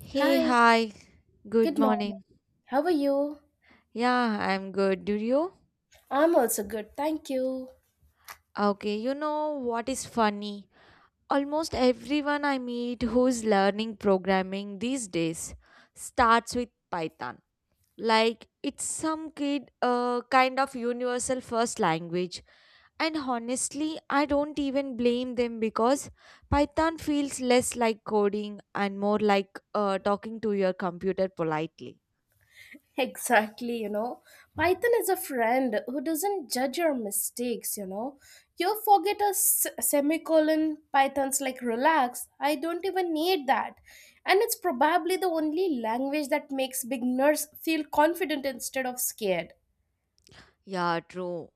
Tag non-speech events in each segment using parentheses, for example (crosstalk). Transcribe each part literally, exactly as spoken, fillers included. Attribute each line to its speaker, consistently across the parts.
Speaker 1: Hey,
Speaker 2: Hi,
Speaker 1: hi, good
Speaker 2: good morning.
Speaker 1: morning.
Speaker 2: How are you?
Speaker 1: Yeah, I'm good. Do you?
Speaker 2: I'm also good, thank you. (laughs)
Speaker 1: Okay, you know what is funny? Almost everyone I meet who's learning programming these days starts with Python. Like it's some kid uh, kind of universal first language. And honestly, I don't even blame them because Python feels less like coding and more like uh, talking to your computer politely.
Speaker 2: Exactly, you know. Python is a friend who doesn't judge your mistakes, you know. You forget a s- semicolon, Python's like, relax, I don't even need that. And it's probably the only language that makes beginners feel confident instead of scared.
Speaker 1: Yeah, true.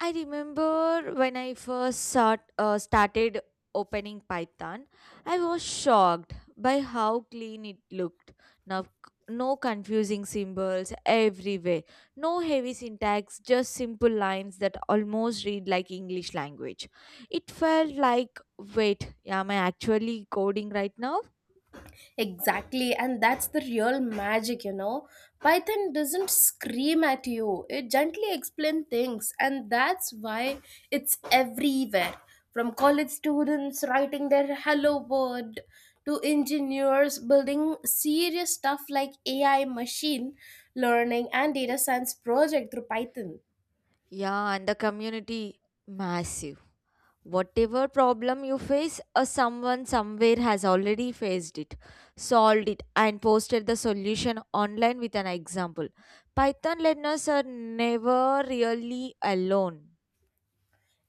Speaker 1: I remember when I first start, uh, started opening Python, I was shocked by how clean it looked. Now, c- no confusing symbols everywhere, no heavy syntax, just simple lines that almost read like English language. It felt like, wait, am I actually coding right now?
Speaker 2: Exactly, and that's the real magic, you know. Python doesn't scream at you, it gently explains things, and that's why it's everywhere. From college students writing their hello world to engineers building serious stuff like A I, machine learning, and data science project through Python.
Speaker 1: Yeah, and the community massive. Whatever problem you face, a someone somewhere has already faced it, solved it, and posted the solution online with an example. Python learners are never really alone.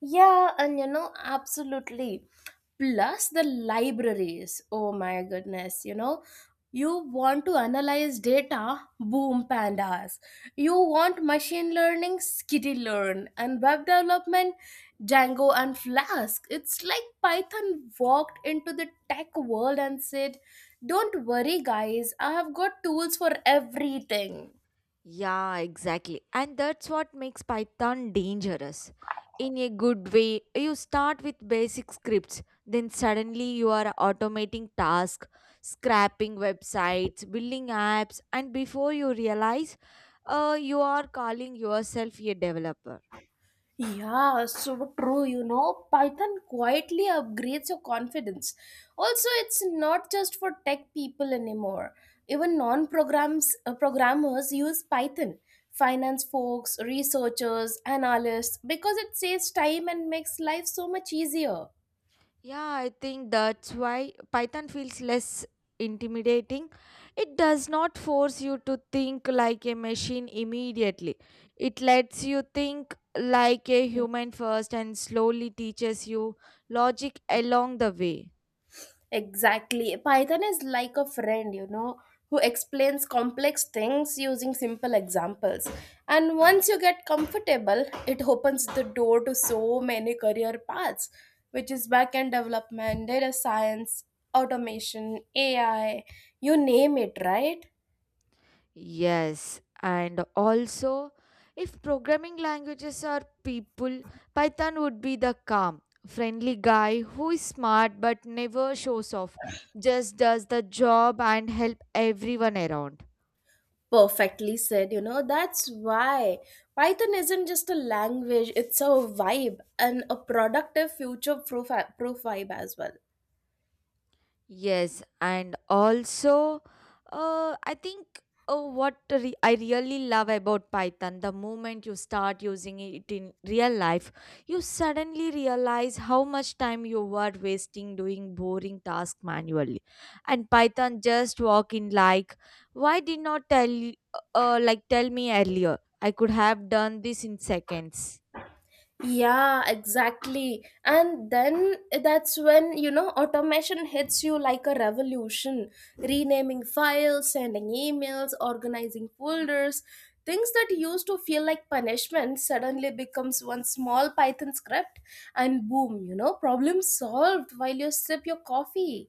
Speaker 2: Yeah, and you know, absolutely. Plus the libraries. Oh my goodness, you know, you want to analyze data, boom pandas. You want machine learning, skitty learn, and web development, Django and Flask. It's like Python walked into the tech world and said, don't worry, guys, I have got tools for everything.
Speaker 1: Yeah, exactly. And that's what makes Python dangerous. In a good way, you start with basic scripts, then suddenly you are automating tasks, scrapping websites, building apps, and before you realize, uh, you are calling yourself a developer.
Speaker 2: Yeah, so true. You know, Python quietly upgrades your confidence. Also, it's not just for tech people anymore. Even non-programs uh, programmers use Python. Finance folks, researchers, analysts, because it saves time and makes life so much easier.
Speaker 1: Yeah, I think that's why Python feels less intimidating. It does not force you to think like a machine immediately. It lets you think like a human first and slowly teaches you logic along the way.
Speaker 2: Exactly. Python is like a friend, you know, who explains complex things using simple examples. And once you get comfortable, it opens the door to so many career paths, which is backend development, data science, automation, A I, you name it, right?
Speaker 1: Yes, and also if programming languages are people, Python would be the calm, friendly guy who is smart but never shows off, just does the job and help everyone around.
Speaker 2: Perfectly said, you know, that's why Python isn't just a language, it's a vibe and a productive future proof, proof vibe as well.
Speaker 1: Yes, and also, uh, I think uh, what re- I really love about Python, the moment you start using it in real life, you suddenly realize how much time you were wasting doing boring tasks manually. And Python just walk in like, why did not tell uh, like tell me earlier? I could have done this in seconds.
Speaker 2: Yeah, exactly. And then that's when, you know, automation hits you like a revolution. Renaming files, sending emails, organizing folders. Things that used to feel like punishment suddenly becomes one small Python script and boom, you know, problem solved while you sip your coffee.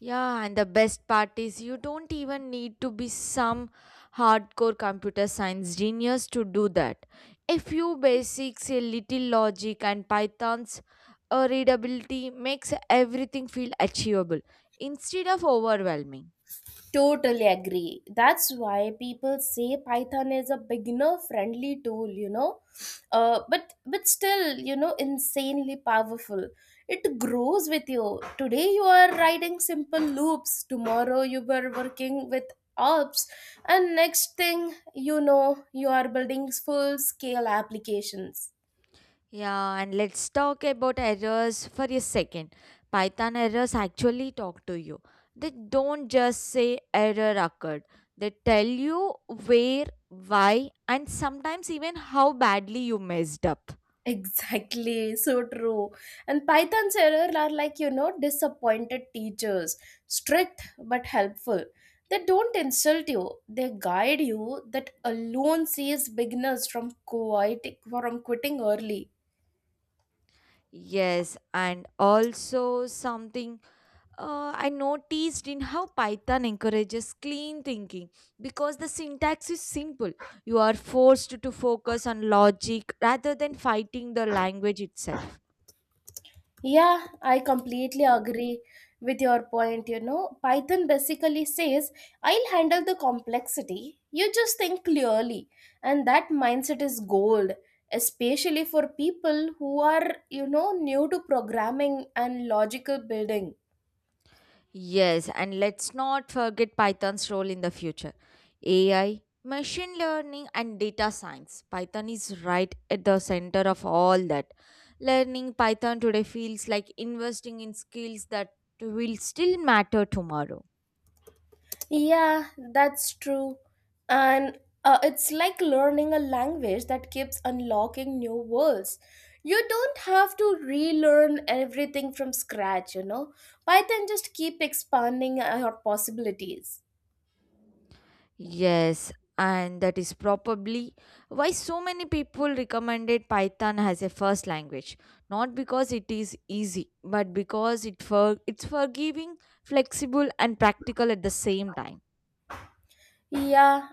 Speaker 1: Yeah, and the best part is you don't even need to be some hardcore computer science genius to do that. A few basics, a little logic, and Python's uh, readability makes everything feel achievable instead of overwhelming.
Speaker 2: Totally agree. That's why people say Python is a beginner friendly tool, you know. Uh, but but still, you know, insanely powerful. It grows with you. Today you are writing simple loops. Tomorrow you were working with ops and next thing you know you are building full scale applications.
Speaker 1: Yeah, and let's talk about errors for a second. Python errors actually talk to you. They don't just say error occurred, they tell you where, why, and sometimes even how badly you messed up.
Speaker 2: Exactly, so true. And Python's error are like, you know, disappointed teachers, strict but helpful. They don't insult you, they guide you. That alone saves beginners from quit- from quitting early.
Speaker 1: Yes, and also something uh, I noticed in how Python encourages clean thinking because the syntax is simple. You are forced to focus on logic rather than fighting the language itself.
Speaker 2: Yeah, I completely agree with your point. You know, Python basically says, I'll handle the complexity. You just think clearly. And that mindset is gold, especially for people who are, you know, new to programming and logical building.
Speaker 1: Yes, and let's not forget Python's role in the future. A I, machine learning, and data science. Python is right at the center of all that. Learning Python today feels like investing in skills that will still matter tomorrow.
Speaker 2: Yeah, that's true. And uh, it's like learning a language that keeps unlocking new worlds. You don't have to relearn everything from scratch, you know. Python just keep expanding uh, your possibilities.
Speaker 1: Yes, and that is probably why so many people recommended Python as a first language. Not because it is easy, but because it for it's forgiving, flexible, and practical at the same time.
Speaker 2: Yeah,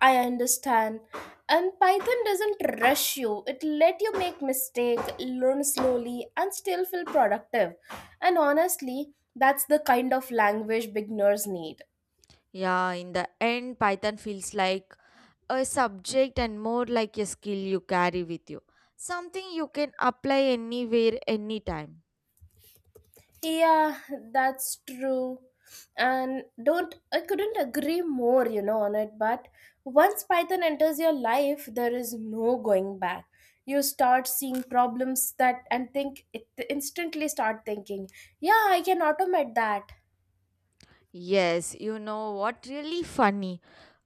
Speaker 2: I understand. And Python doesn't rush you. It let you make mistake, learn slowly and still feel productive. And honestly, that's the kind of language beginners need.
Speaker 1: Yeah, in the end, Python feels like a subject and more like a skill you carry with you, something you can apply anywhere, anytime.
Speaker 2: Yeah, that's true. And don't, I couldn't agree more, you know, on it. But once Python enters your life, there is no going back. You start seeing problems that and think it instantly start thinking, yeah, I can automate that.
Speaker 1: Yes, you know what? Really funny.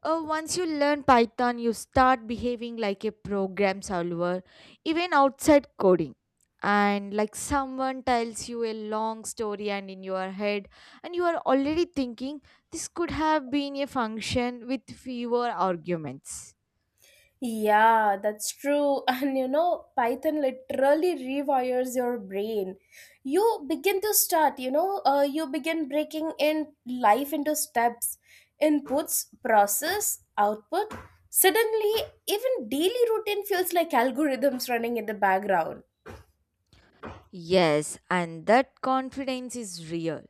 Speaker 1: Uh, once you learn Python, you start behaving like a program solver, even outside coding. And like someone tells you a long story, and in your head, and you are already thinking this could have been a function with fewer arguments.
Speaker 2: Yeah, that's true. (laughs) And you know, Python literally rewires your brain. You begin to start, you know, uh, you begin breaking in life into steps, inputs, process, output. Suddenly, even daily routine feels like algorithms running in the background.
Speaker 1: Yes, and that confidence is real.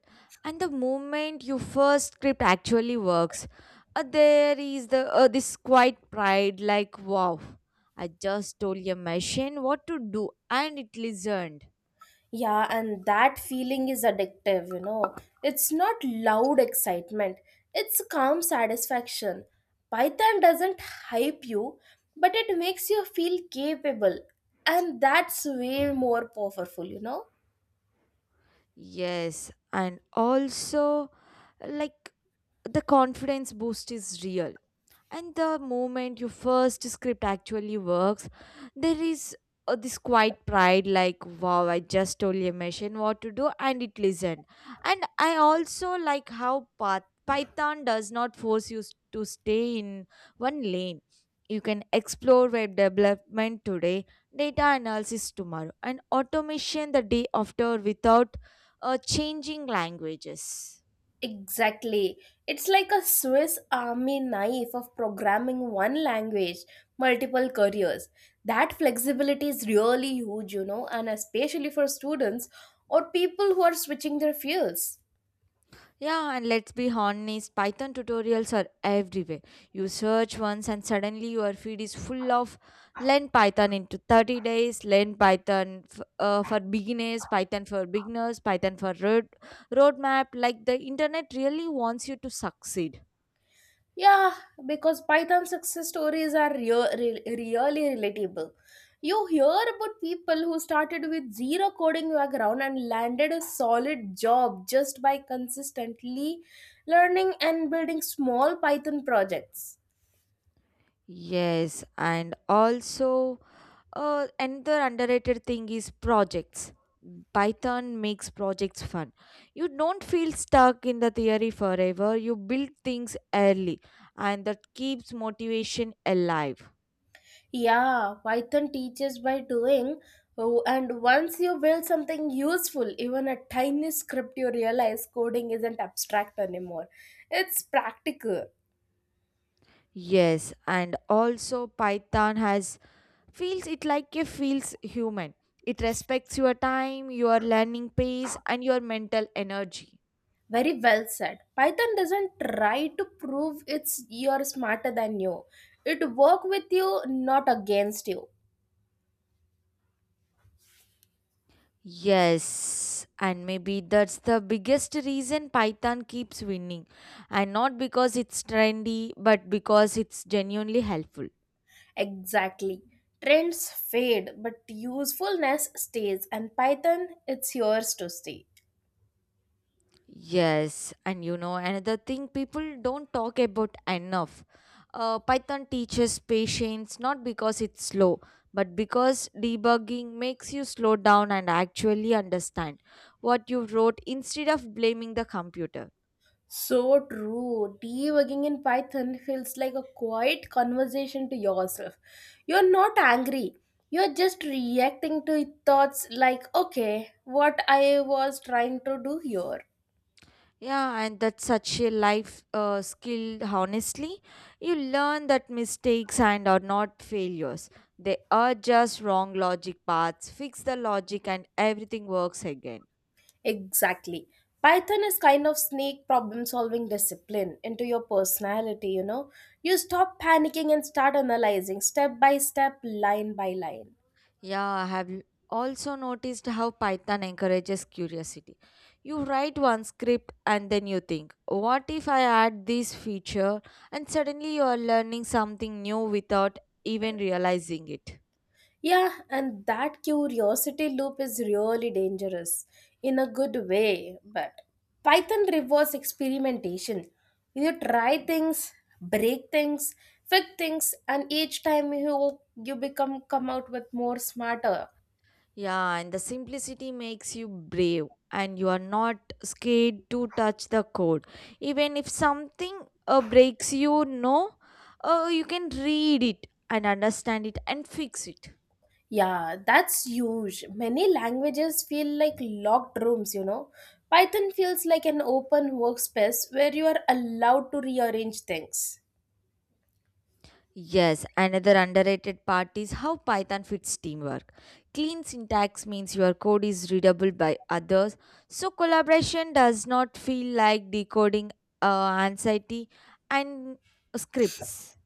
Speaker 1: And the moment your first script actually works, uh, there is the uh, this quiet pride like wow, I just told your machine what to do and it listened.
Speaker 2: Yeah, and that feeling is addictive, you know. It's not loud excitement, it's calm satisfaction. Python doesn't hype you, but it makes you feel capable, and that's way more powerful, you know.
Speaker 1: Yes, and also like the confidence boost is real and the moment your first script actually works there is uh, this quiet pride like wow I just told your machine what to do and it listened. And I also like how Pyth- python does not force you s- to stay in one lane. You can explore web development today, data analysis tomorrow, and automation the day after without uh, changing languages.
Speaker 2: Exactly. It's like a Swiss army knife of programming one language, multiple careers. That flexibility is really huge, you know, and especially for students or people who are switching their fields.
Speaker 1: Yeah, and let's be honest, Python tutorials are everywhere. You search once and suddenly your feed is full of learn Python into thirty days, learn Python f- uh, for beginners, Python for beginners, Python for road roadmap. Like the internet really wants you to succeed.
Speaker 2: Yeah, because Python success stories are real, re- really relatable. You hear about people who started with zero coding background and landed a solid job just by consistently learning and building small Python projects.
Speaker 1: Yes, and also, Uh, another underrated thing is projects. Python makes projects fun. You don't feel stuck in the theory forever. You build things early, and that keeps motivation alive.
Speaker 2: Yeah, Python teaches by doing, oh, and once you build something useful, even a tiny script, you realize coding isn't abstract anymore. It's practical.
Speaker 1: Yes, and also Python has feels it like it feels human. It respects your time, your learning pace, and your mental energy.
Speaker 2: Very well said. Python doesn't try to prove it's you're smarter than you. It work with you, not against you.
Speaker 1: Yes, and maybe that's the biggest reason Python keeps winning. And not because it's trendy, but because it's genuinely helpful.
Speaker 2: Exactly. Trends fade, but usefulness stays, and Python, it's yours to stay.
Speaker 1: Yes, and you know, another thing people don't talk about enough. Uh, Python teaches patience not because it's slow, but because debugging makes you slow down and actually understand what you wrote instead of blaming the computer.
Speaker 2: So true. Debugging in Python feels like a quiet conversation to yourself. You're not angry. You're just reacting to thoughts like, okay, what I was trying to do here.
Speaker 1: Yeah, and that's such a life uh, skill, honestly. You learn that mistakes and are not failures. They are just wrong logic paths. Fix the logic and everything works again.
Speaker 2: Exactly. Python is kind of sneak problem solving discipline into your personality, you know. You stop panicking and start analyzing step by step, line by line.
Speaker 1: Yeah, I have l- also noticed how Python encourages curiosity. You write one script and then you think, what if I add this feature? And suddenly you are learning something new without even realizing it.
Speaker 2: Yeah, and that curiosity loop is really dangerous in a good way, but Python rewards experimentation. You try things, break things, fix things, and each time you you become come out with more smarter.
Speaker 1: Yeah, and the simplicity makes you brave, and you are not scared to touch the code. Even if something uh, breaks you, no, uh, you can read it and understand it and fix it.
Speaker 2: Yeah, that's huge. Many languages feel like locked rooms, you know. Python feels like an open workspace where you are allowed to rearrange things.
Speaker 1: Yes, another underrated part is how Python fits teamwork. Clean syntax means your code is readable by others, so collaboration does not feel like decoding uh, anxiety and scripts.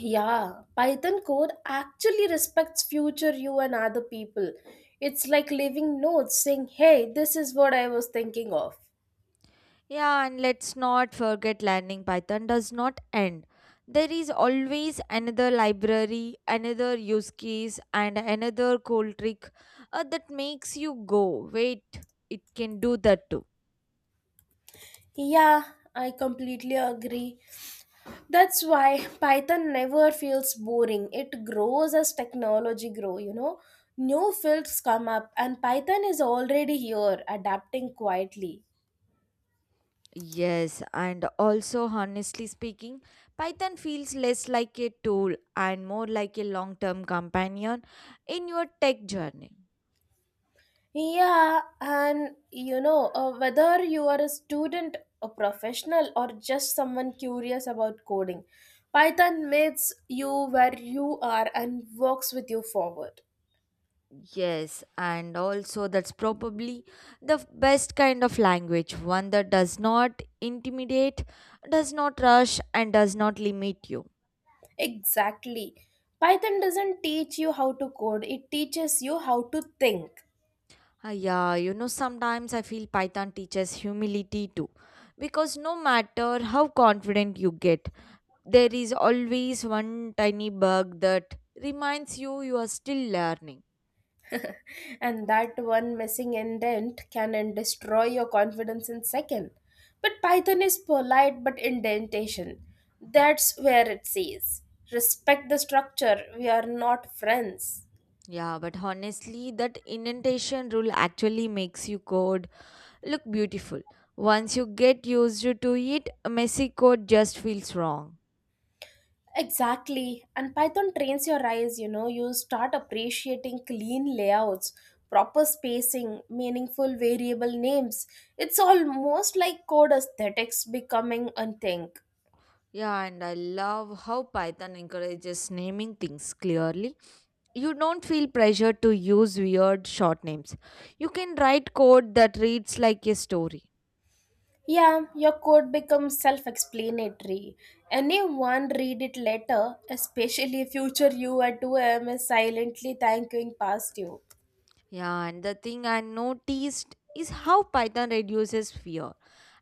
Speaker 2: Yeah, Python code actually respects future you and other people. It's like leaving notes saying, hey, this is what I was thinking of.
Speaker 1: Yeah, and let's not forget learning Python does not end. There is always another library, another use case, and another cool trick uh, that makes you go, wait, it can do that too.
Speaker 2: Yeah, I completely agree. That's why Python never feels boring. It grows as technology grow, you know. New fields come up and Python is already here adapting quietly.
Speaker 1: Yes, and also, honestly speaking, Python feels less like a tool and more like a long term companion in your tech journey.
Speaker 2: Yeah, and you know, uh, whether you are a student, a professional or just someone curious about coding, Python meets you where you are and works with you forward.
Speaker 1: Yes, and also that's probably the f- best kind of language, one that does not intimidate, does not rush, and does not limit you.
Speaker 2: Exactly. Python doesn't teach you how to code, it teaches you how to think.
Speaker 1: Ah, yeah, you know, sometimes I feel Python teaches humility too. Because no matter how confident you get, there is always one tiny bug that reminds you you are still learning.
Speaker 2: (laughs) And that one missing indent can then destroy your confidence in second, but Python is polite but indentation, that's where it says respect the structure, we are not friends.
Speaker 1: Yeah, but honestly, that indentation rule actually makes you code look beautiful. Once you get used to it, messy code just feels wrong.
Speaker 2: Exactly, and Python trains your eyes, you know. You start appreciating clean layouts, proper spacing, meaningful variable names. It's almost like code aesthetics becoming a thing.
Speaker 1: Yeah, and I love how Python encourages naming things clearly. You don't feel pressure to use weird short names. You can write code that reads like a story.
Speaker 2: Yeah, your code becomes self explanatory. Anyone read it later, especially future you at two a m is silently thanking past you.
Speaker 1: Yeah, and the thing I noticed is how Python reduces fear.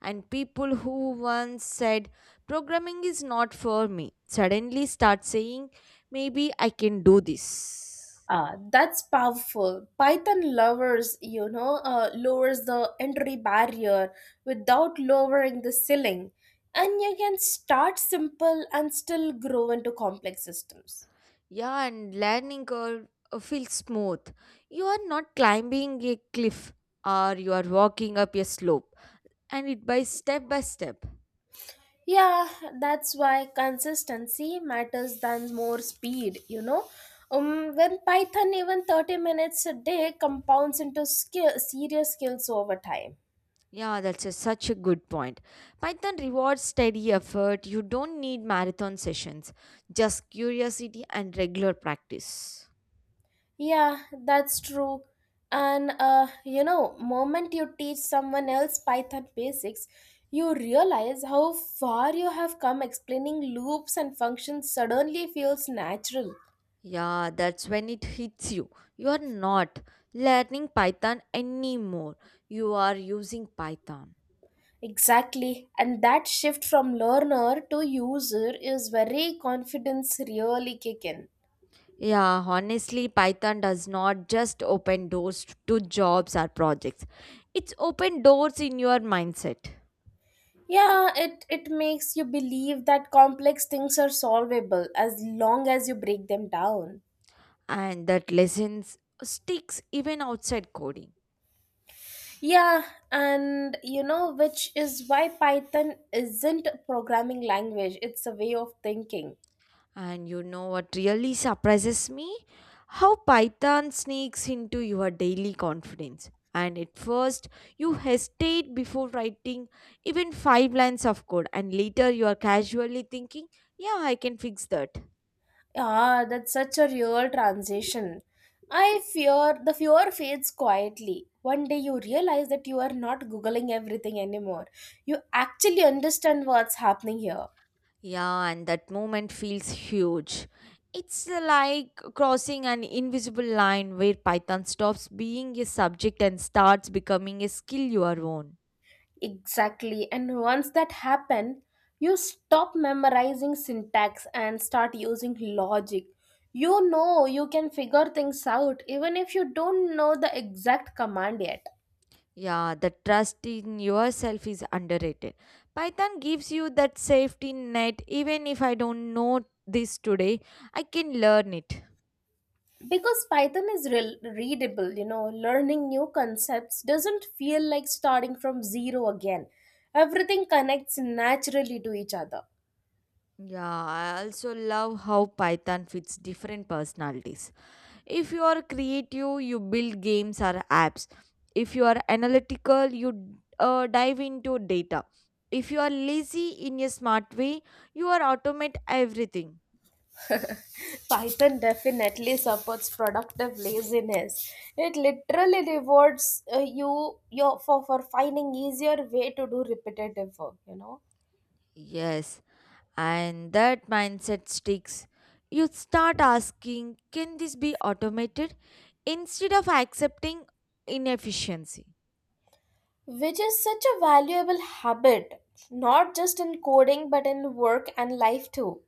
Speaker 1: And people who once said, programming is not for me, suddenly start saying, maybe I can do this.
Speaker 2: Uh, that's powerful. Python lovers, you know, uh, lowers the entry barrier without lowering the ceiling. And you can start simple and still grow into complex systems.
Speaker 1: Yeah, and landing curve uh, feels smooth. You are not climbing a cliff, or you are walking up a slope and it by step by step.
Speaker 2: Yeah, that's why consistency matters than more speed, you know. Um, when Python even thirty minutes a day compounds into skill, serious skills over time.
Speaker 1: Yeah, that's a, such a good point. Python rewards steady effort. You don't need marathon sessions, just curiosity and regular practice.
Speaker 2: Yeah, that's true. And uh, you know, moment you teach someone else Python basics, you realize how far you have come explaining loops and functions suddenly feels natural.
Speaker 1: Yeah, that's when it hits you. You are not learning Python anymore. You are using Python.
Speaker 2: Exactly. And that shift from learner to user is where confidence really kick in.
Speaker 1: Yeah, honestly, Python does not just open doors to jobs or projects. It's open doors in your mindset.
Speaker 2: Yeah, it, it makes you believe that complex things are solvable as long as you break them down.
Speaker 1: And that lessons sticks even outside coding.
Speaker 2: Yeah, and you know, which is why Python isn't a programming language, it's a way of thinking.
Speaker 1: And you know what really surprises me? How Python sneaks into your daily confidence. And at first, you hesitate before writing even five lines of code, and later you are casually thinking, yeah, I can fix that.
Speaker 2: Ah, that's such a real transition. I fear the fear fades quietly. One day you realize that you are not Googling everything anymore. You actually understand what's happening here.
Speaker 1: Yeah, and that moment feels huge. It's like crossing an invisible line where Python stops being a subject and starts becoming a skill your own.
Speaker 2: Exactly. And once that happens, you stop memorizing syntax and start using logic. You know you can figure things out even if you don't know the exact command yet.
Speaker 1: Yeah, the trust in yourself is underrated. Python gives you that safety net. Even if I don't know this today, I can learn it.
Speaker 2: Because Python is re- readable, you know, learning new concepts doesn't feel like starting from zero again. Everything connects naturally to each other.
Speaker 1: Yeah, I also love how Python fits different personalities. If you are creative, you build games or apps. If you are analytical, you uh, dive into data. If you are lazy in a smart way, you are automate everything.
Speaker 2: Python definitely supports productive laziness. It literally rewards uh, you your for, for finding easier way to do repetitive work, you know.
Speaker 1: Yes, and that mindset sticks. You start asking, can this be automated? Instead of accepting inefficiency.
Speaker 2: Which is such a valuable habit, not just in coding but in work and life too.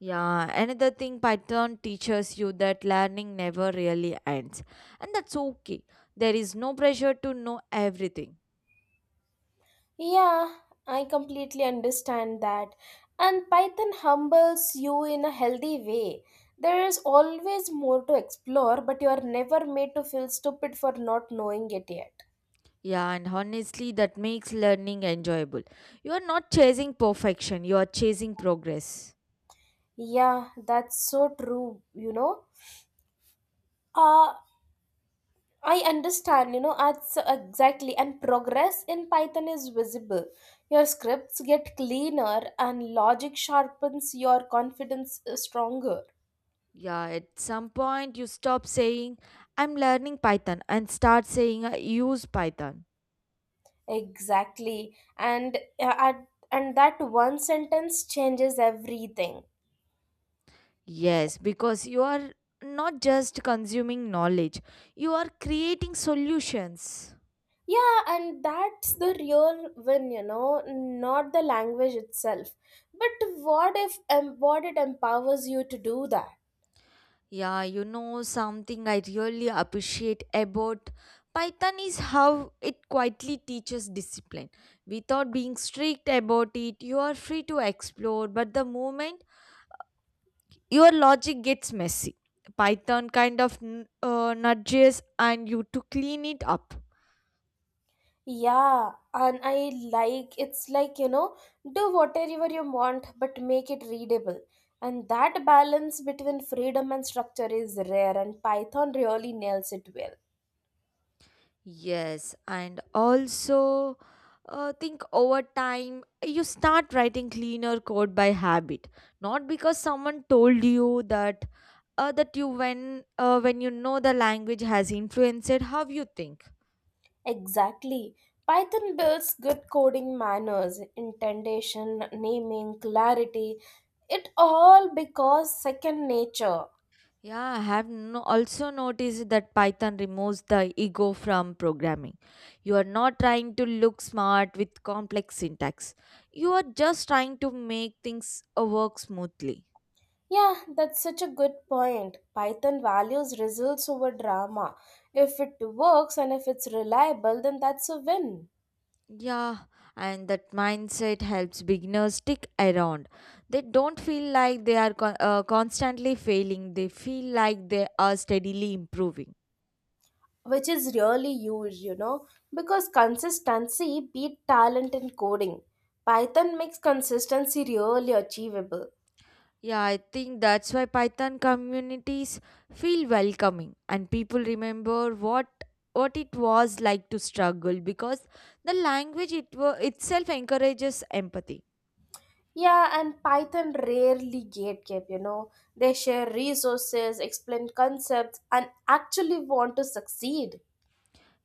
Speaker 1: Yeah, another thing Python teaches you that learning never really ends. And that's okay. There is no pressure to know everything.
Speaker 2: Yeah, I completely understand that. And Python humbles you in a healthy way. There is always more to explore, but you are never made to feel stupid for not knowing it yet.
Speaker 1: Yeah, and honestly, that makes learning enjoyable. You are not chasing perfection, you are chasing progress.
Speaker 2: Yeah, that's so true, you know. Uh I understand, you know, that's exactly and progress in Python is visible. Your scripts get cleaner and logic sharpens your confidence uh, stronger.
Speaker 1: Yeah, at some point, you stop saying, I'm learning Python, and start saying, I use Python.
Speaker 2: Exactly. And uh, at, and that one sentence changes everything.
Speaker 1: Yes, because you are not just consuming knowledge, you are creating solutions.
Speaker 2: Yeah, and that's the real win, you know, not the language itself. But what if um, what it empowers you to do that?
Speaker 1: Yeah, you know, something I really appreciate about Python is how it quietly teaches discipline. Without being strict about it, you are free to explore, but the moment your logic gets messy, Python kind of n- uh, nudges and you to clean it up.
Speaker 2: Yeah, and I like it's like, you know, do whatever you want, but make it readable. And that balance between freedom and structure is rare, and Python really nails it well.
Speaker 1: Yes, and also uh, think over time you start writing cleaner code by habit, not because someone told you that uh, that you when uh, when you know the language has influenced how you think.
Speaker 2: Exactly. Python builds good coding manners, indentation, naming, clarity. It all because second nature.
Speaker 1: Yeah, I have no, also noticed that Python removes the ego from programming. You are not trying to look smart with complex syntax. You are just trying to make things uh, work smoothly.
Speaker 2: Yeah, that's such a good point. Python values results over drama. If it works and if it's reliable, then that's a win.
Speaker 1: Yeah, and that mindset helps beginners stick around. They don't feel like they are con- uh, constantly failing, they feel like they are steadily improving.
Speaker 2: Which is really huge, you know, because consistency beat talent in coding. Python makes consistency really achievable.
Speaker 1: Yeah, I think that's why Python communities feel welcoming and people remember what what it was like to struggle because the language it wa- itself encourages empathy.
Speaker 2: Yeah, and Python rarely gatekeep, you know. They share resources, explain concepts, and actually want to succeed.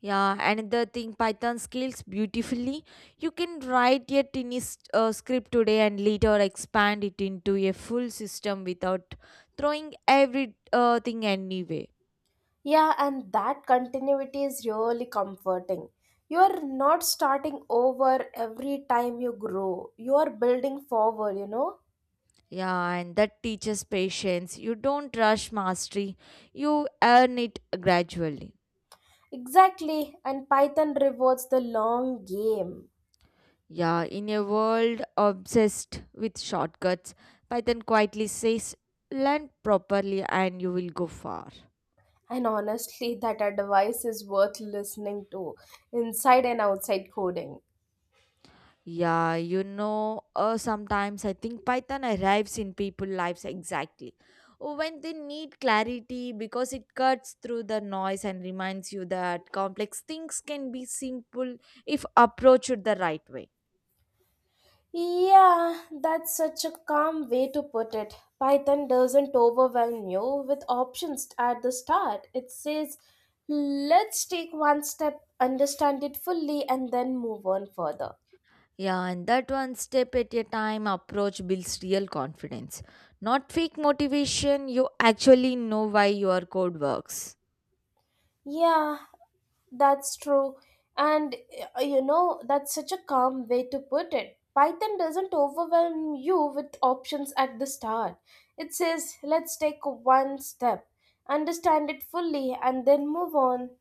Speaker 1: Yeah, another thing, Python scales beautifully. You can write a tiny s- uh, script today and later expand it into a full system without throwing everything uh, thing anyway.
Speaker 2: Yeah, and that continuity is really comforting. You are not starting over every time you grow, you are building forward, you know.
Speaker 1: Yeah, and that teaches patience. You don't rush mastery, you earn it gradually.
Speaker 2: Exactly, and Python rewards the long game.
Speaker 1: Yeah, in a world obsessed with shortcuts, Python quietly says, learn properly and you will go far.
Speaker 2: And honestly, (laughs) that advice is worth listening to inside and outside coding.
Speaker 1: Yeah, you know, uh, sometimes I think Python arrives in people' lives exactly when they need clarity because it cuts through the noise and reminds you that complex things can be simple if approached the right way.
Speaker 2: Yeah, that's such a calm way to put it. Python doesn't overwhelm you with options at the start. It says, let's take one step, understand it fully, and then move on further.
Speaker 1: Yeah, and that one step at a time approach builds real confidence, not fake motivation. You actually know why your code works.
Speaker 2: Yeah, that's true. And uh, you know, that's such a calm way to put it. Python doesn't overwhelm you with options at the start. It says, let's take one step, understand it fully, and then move on.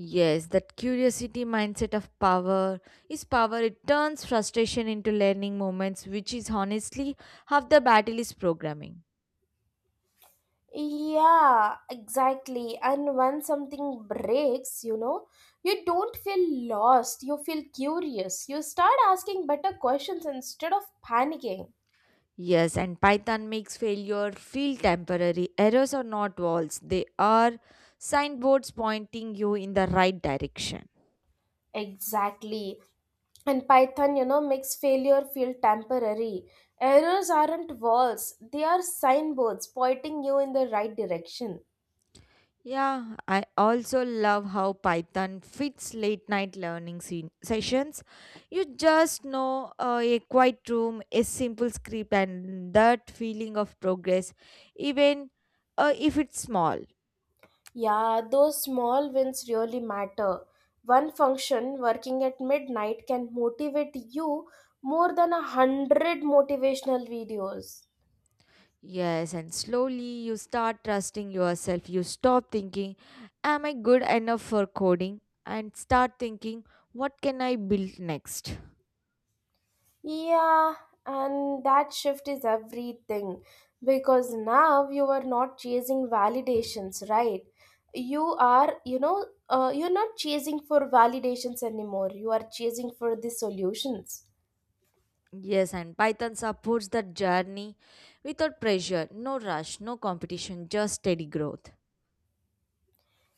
Speaker 1: Yes, that curiosity mindset of power is power. It turns frustration into learning moments, which is honestly half the battle is programming.
Speaker 2: Yeah, exactly. And when something breaks, you know, you don't feel lost, you feel curious. You start asking better questions instead of panicking.
Speaker 1: Yes, and Python makes failure feel temporary. Errors are not walls, they are signboards pointing you in the right direction.
Speaker 2: Exactly. And Python, you know, makes failure feel temporary. Errors aren't walls, they are signboards pointing you in the right direction.
Speaker 1: Yeah, I also love how Python fits late night learning se- sessions. You just know uh, a quiet room, a simple script, and that feeling of progress, even uh, if it's small.
Speaker 2: Yeah, those small wins really matter. One function working at midnight can motivate you more than a hundred motivational videos.
Speaker 1: Yes, and slowly you start trusting yourself. You stop thinking, am I good enough for coding? And start thinking, what can I build next?
Speaker 2: Yeah, and that shift is everything because now you are not chasing validations, right? You are, you know, uh, you're not chasing for validations anymore, you are chasing for the solutions.
Speaker 1: Yes, and Python supports that journey without pressure, no rush, no competition, just steady growth.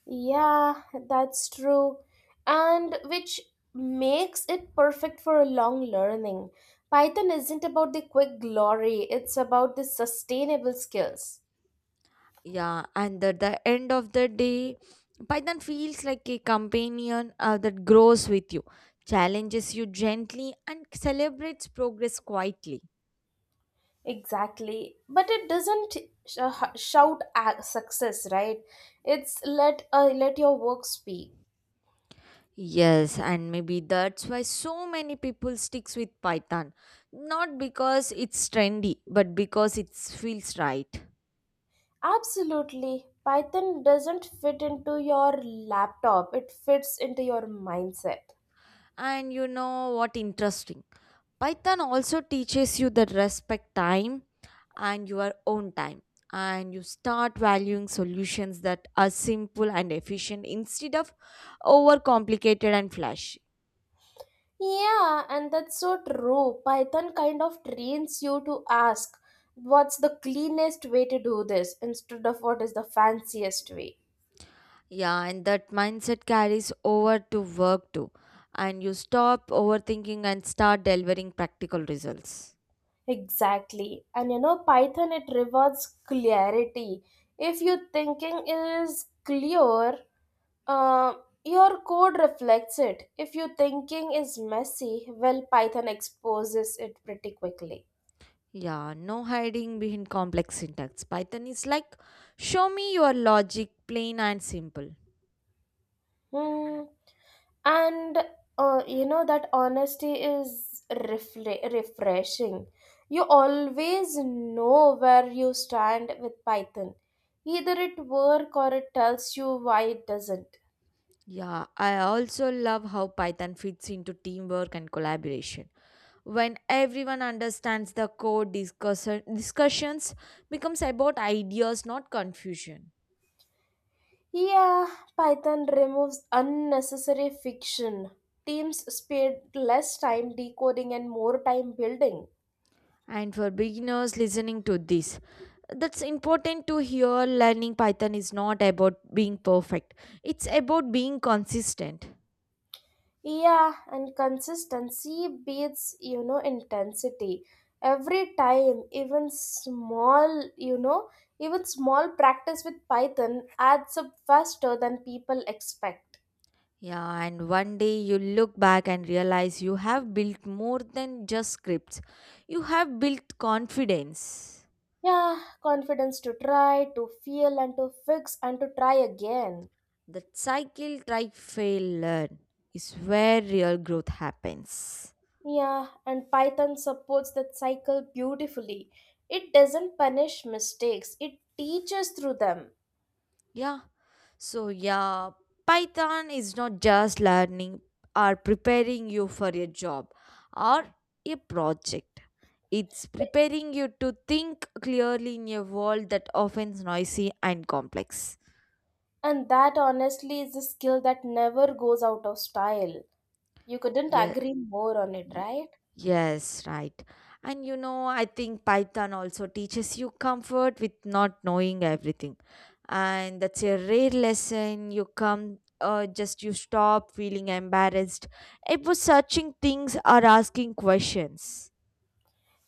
Speaker 2: Yeah, that's true. And which makes it perfect for long learning. Python isn't about the quick glory, it's about the sustainable skills.
Speaker 1: Yeah, and at the end of the day, Python feels like a companion uh, that grows with you, challenges you gently, and celebrates progress quietly.
Speaker 2: Exactly. But it doesn't sh- shout at success, right? It's let uh, let your work speak.
Speaker 1: Yes, and maybe that's why so many people sticks with Python, not because it's trendy, but because it feels right.
Speaker 2: Absolutely. Python doesn't fit into your laptop. It fits into your mindset.
Speaker 1: And you know what interesting? Python also teaches you that respect time and your own time, and you start valuing solutions that are simple and efficient instead of overcomplicated and flashy.
Speaker 2: Yeah, and that's so true. Python kind of trains you to ask what's the cleanest way to do this instead of what is the fanciest way.
Speaker 1: Yeah, and that mindset carries over to work too, and you stop overthinking and start delivering practical results.
Speaker 2: Exactly. And you know, Python it rewards clarity. If your thinking is clear, uh, your code reflects it. If your thinking is messy, well, Python exposes it pretty quickly.
Speaker 1: Yeah, no hiding behind complex syntax. Python is like show me your logic, plain and simple.
Speaker 2: Hmm. And uh, you know that honesty is refle- refreshing. You always know where you stand with Python, either it work or it tells you why it doesn't.
Speaker 1: Yeah, I also love how Python fits into teamwork and collaboration. When everyone understands the code, discussion, discussions becomes about ideas, not confusion.
Speaker 2: Yeah, Python removes unnecessary fiction. Teams spend less time decoding and more time building.
Speaker 1: And for beginners listening to this, that's important to hear learning Python is not about being perfect. It's about being consistent.
Speaker 2: Yeah, and consistency beats, you know, intensity. Every time, even small, you know, even small practice with Python adds up faster than people expect.
Speaker 1: Yeah, and one day you look back and realize you have built more than just scripts. You have built confidence.
Speaker 2: Yeah, confidence to try, to feel, and to fix, and to try again.
Speaker 1: That cycle try fail learn is where real growth happens.
Speaker 2: Yeah, and Python supports that cycle beautifully. It doesn't punish mistakes, it teaches through them.
Speaker 1: Yeah. So yeah, Python is not just learning or preparing you for a job or a project. It's preparing you to think clearly in a world that often is noisy and complex.
Speaker 2: And that honestly is a skill that never goes out of style. You couldn't
Speaker 1: Yeah.
Speaker 2: agree more on it,
Speaker 1: Y-
Speaker 2: right?
Speaker 1: Yes, right. And you know, I think Python also teaches you comfort with not knowing everything. And that's a rare lesson. You come, uh, just You stop feeling embarrassed. It was searching things or asking questions.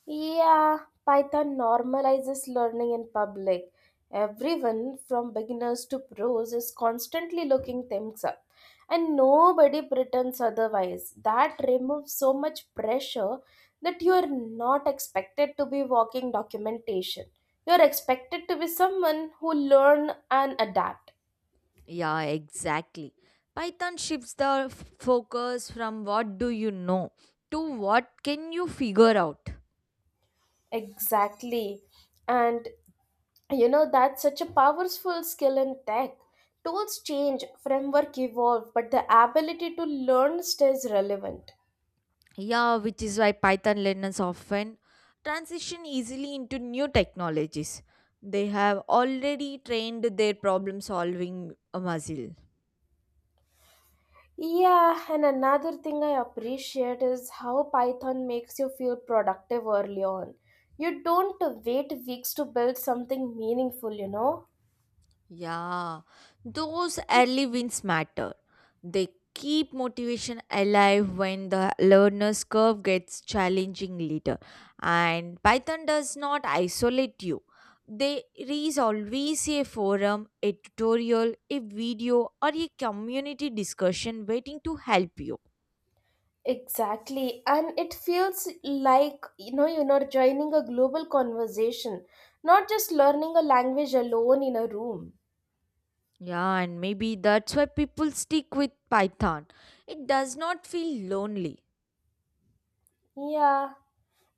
Speaker 2: Yeah, Python normalizes learning in public. Everyone, from beginners to pros, is constantly looking things up. And nobody pretends otherwise. That removes so much pressure that you are not expected to be walking documentation. You are expected to be someone who learn and adapt.
Speaker 1: Yeah, exactly. Python shifts the f- focus from what do you know to what can you figure out.
Speaker 2: Exactly. And you know that's such a powerful skill in tech. Tools change, framework evolve, but the ability to learn stays relevant.
Speaker 1: Yeah, which is why Python learners often transition easily into new technologies. They have already trained their problem solving muscle.
Speaker 2: Yeah, and another thing I appreciate is how Python makes you feel productive early on. You don't wait weeks to build something meaningful, you know.
Speaker 1: Yeah, those early wins matter. They keep motivation alive when the learner's curve gets challenging later. And Python does not isolate you. There is always a forum, a tutorial, a video, or a community discussion waiting to help you.
Speaker 2: Exactly. And it feels like, you know, you're not joining a global conversation, not just learning a language alone in a room.
Speaker 1: Yeah, and maybe that's why people stick with Python. It does not feel lonely.
Speaker 2: Yeah.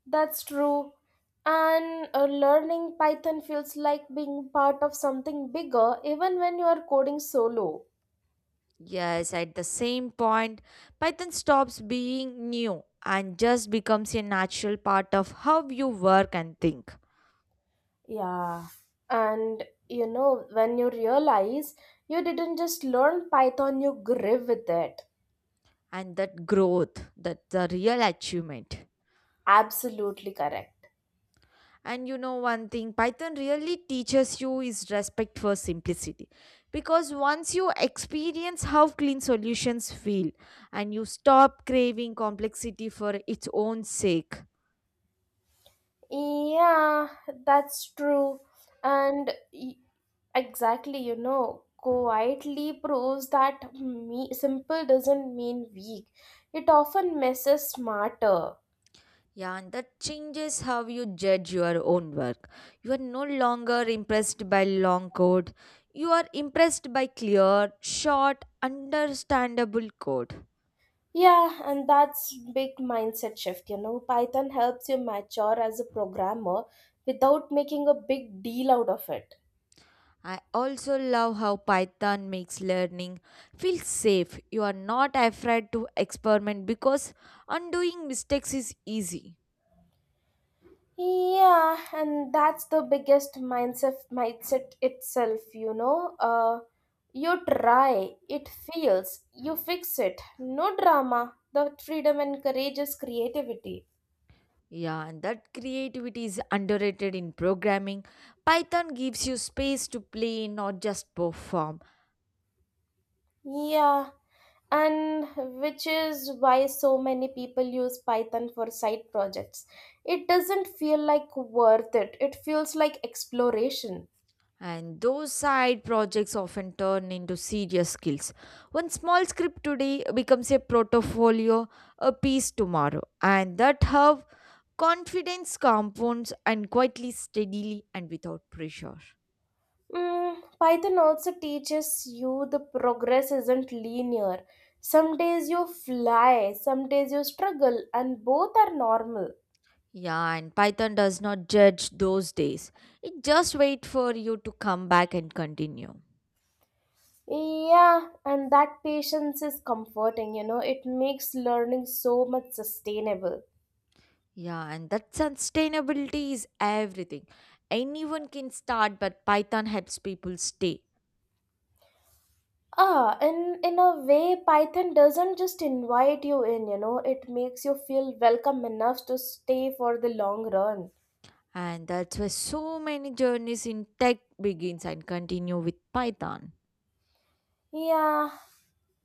Speaker 2: That's true. And uh, learning Python feels like being part of something bigger, even when you are coding solo.
Speaker 1: Yes, at the same point, Python stops being new and just becomes a natural part of how you work and think.
Speaker 2: Yeah. And you know, when you realize you didn't just learn Python, you grew with it.
Speaker 1: And that growth, that the real achievement.
Speaker 2: Absolutely correct.
Speaker 1: And you know one thing, Python really teaches you is respect for simplicity. Because once you experience how clean solutions feel and you stop craving complexity for its own sake.
Speaker 2: Yeah, that's true. And y- exactly, you know, quietly proves that me- simple doesn't mean weak, it often messes smarter.
Speaker 1: Yeah, and that changes how you judge your own work. You are no longer impressed by long code. You are impressed by clear, short, understandable code.
Speaker 2: Yeah, and that's big mindset shift, you know. Python helps you mature as a programmer without making a big deal out of it.
Speaker 1: I also love how Python makes learning feel safe. You are not afraid to experiment because undoing mistakes is easy.
Speaker 2: Yeah, and that's the biggest mindset mindset itself, you know. Uh you try, it fails, you fix it. No drama. The freedom encourages creativity.
Speaker 1: Yeah, and that creativity is underrated in programming. Python gives you space to play, not just perform.
Speaker 2: Yeah, and which is why so many people use Python for side projects. It doesn't feel like worth it, it feels like exploration.
Speaker 1: And those side projects often turn into serious skills. One small script today becomes a portfolio, a piece tomorrow, and that how confidence compounds and quietly, steadily, and without pressure.
Speaker 2: Mm, Python also teaches you the progress isn't linear. Some days you fly, some days you struggle, and both are normal.
Speaker 1: Yeah, and Python does not judge those days. It just waits for you to come back and continue.
Speaker 2: Yeah, and that patience is comforting, you know, it makes learning so much sustainable.
Speaker 1: Yeah, and that sustainability is everything. Anyone can start, but Python helps people stay.
Speaker 2: Ah, in in a way, Python doesn't just invite you in, you know, it makes you feel welcome enough to stay for the long run.
Speaker 1: And that's why so many journeys in tech begins and continue with Python.
Speaker 2: Yeah,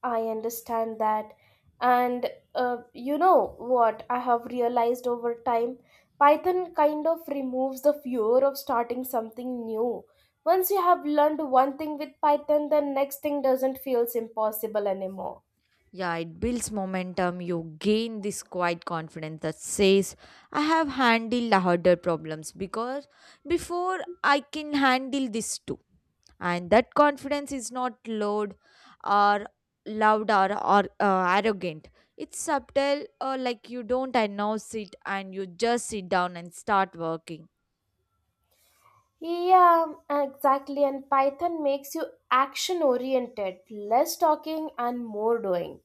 Speaker 2: I understand that. And uh, you know what I have realized over time? Python kind of removes the fear of starting something new. Once you have learned one thing with Python, the next thing doesn't feels impossible anymore.
Speaker 1: Yeah, it builds momentum. You gain this quiet confidence that says, I have handled the harder problems because before I can handle this too. And that confidence is not loud or loud or, or uh, arrogant. It's subtle, uh, like you don't announce it and you just sit down and start working.
Speaker 2: Yeah, um, exactly. And Python makes you action oriented, less talking and more doing.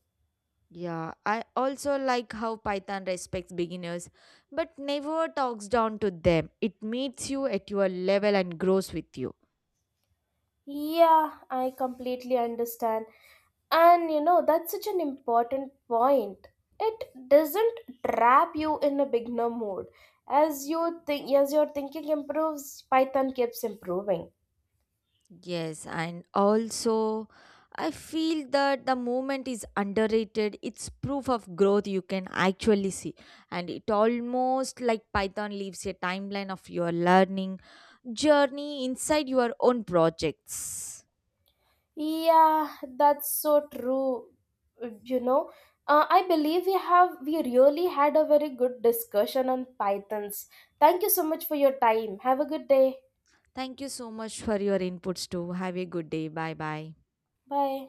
Speaker 1: Yeah, I also like how Python respects beginners but never talks down to them. It meets you at your level and grows with you.
Speaker 2: Yeah, I completely understand. And you know, that's such an important point. It doesn't trap you in a beginner mode. As you think as your thinking improves, Python keeps improving.
Speaker 1: Yes, and also I feel that the movement is underrated. It's proof of growth you can actually see. And it almost like Python leaves a timeline of your learning journey inside your own projects.
Speaker 2: Yeah, that's so true. You know, uh, I believe we have we really had a very good discussion on pythons. Thank you so much for your time. Have a good day.
Speaker 1: Thank you so much for your inputs too. Have a good day. Bye bye.
Speaker 2: Bye.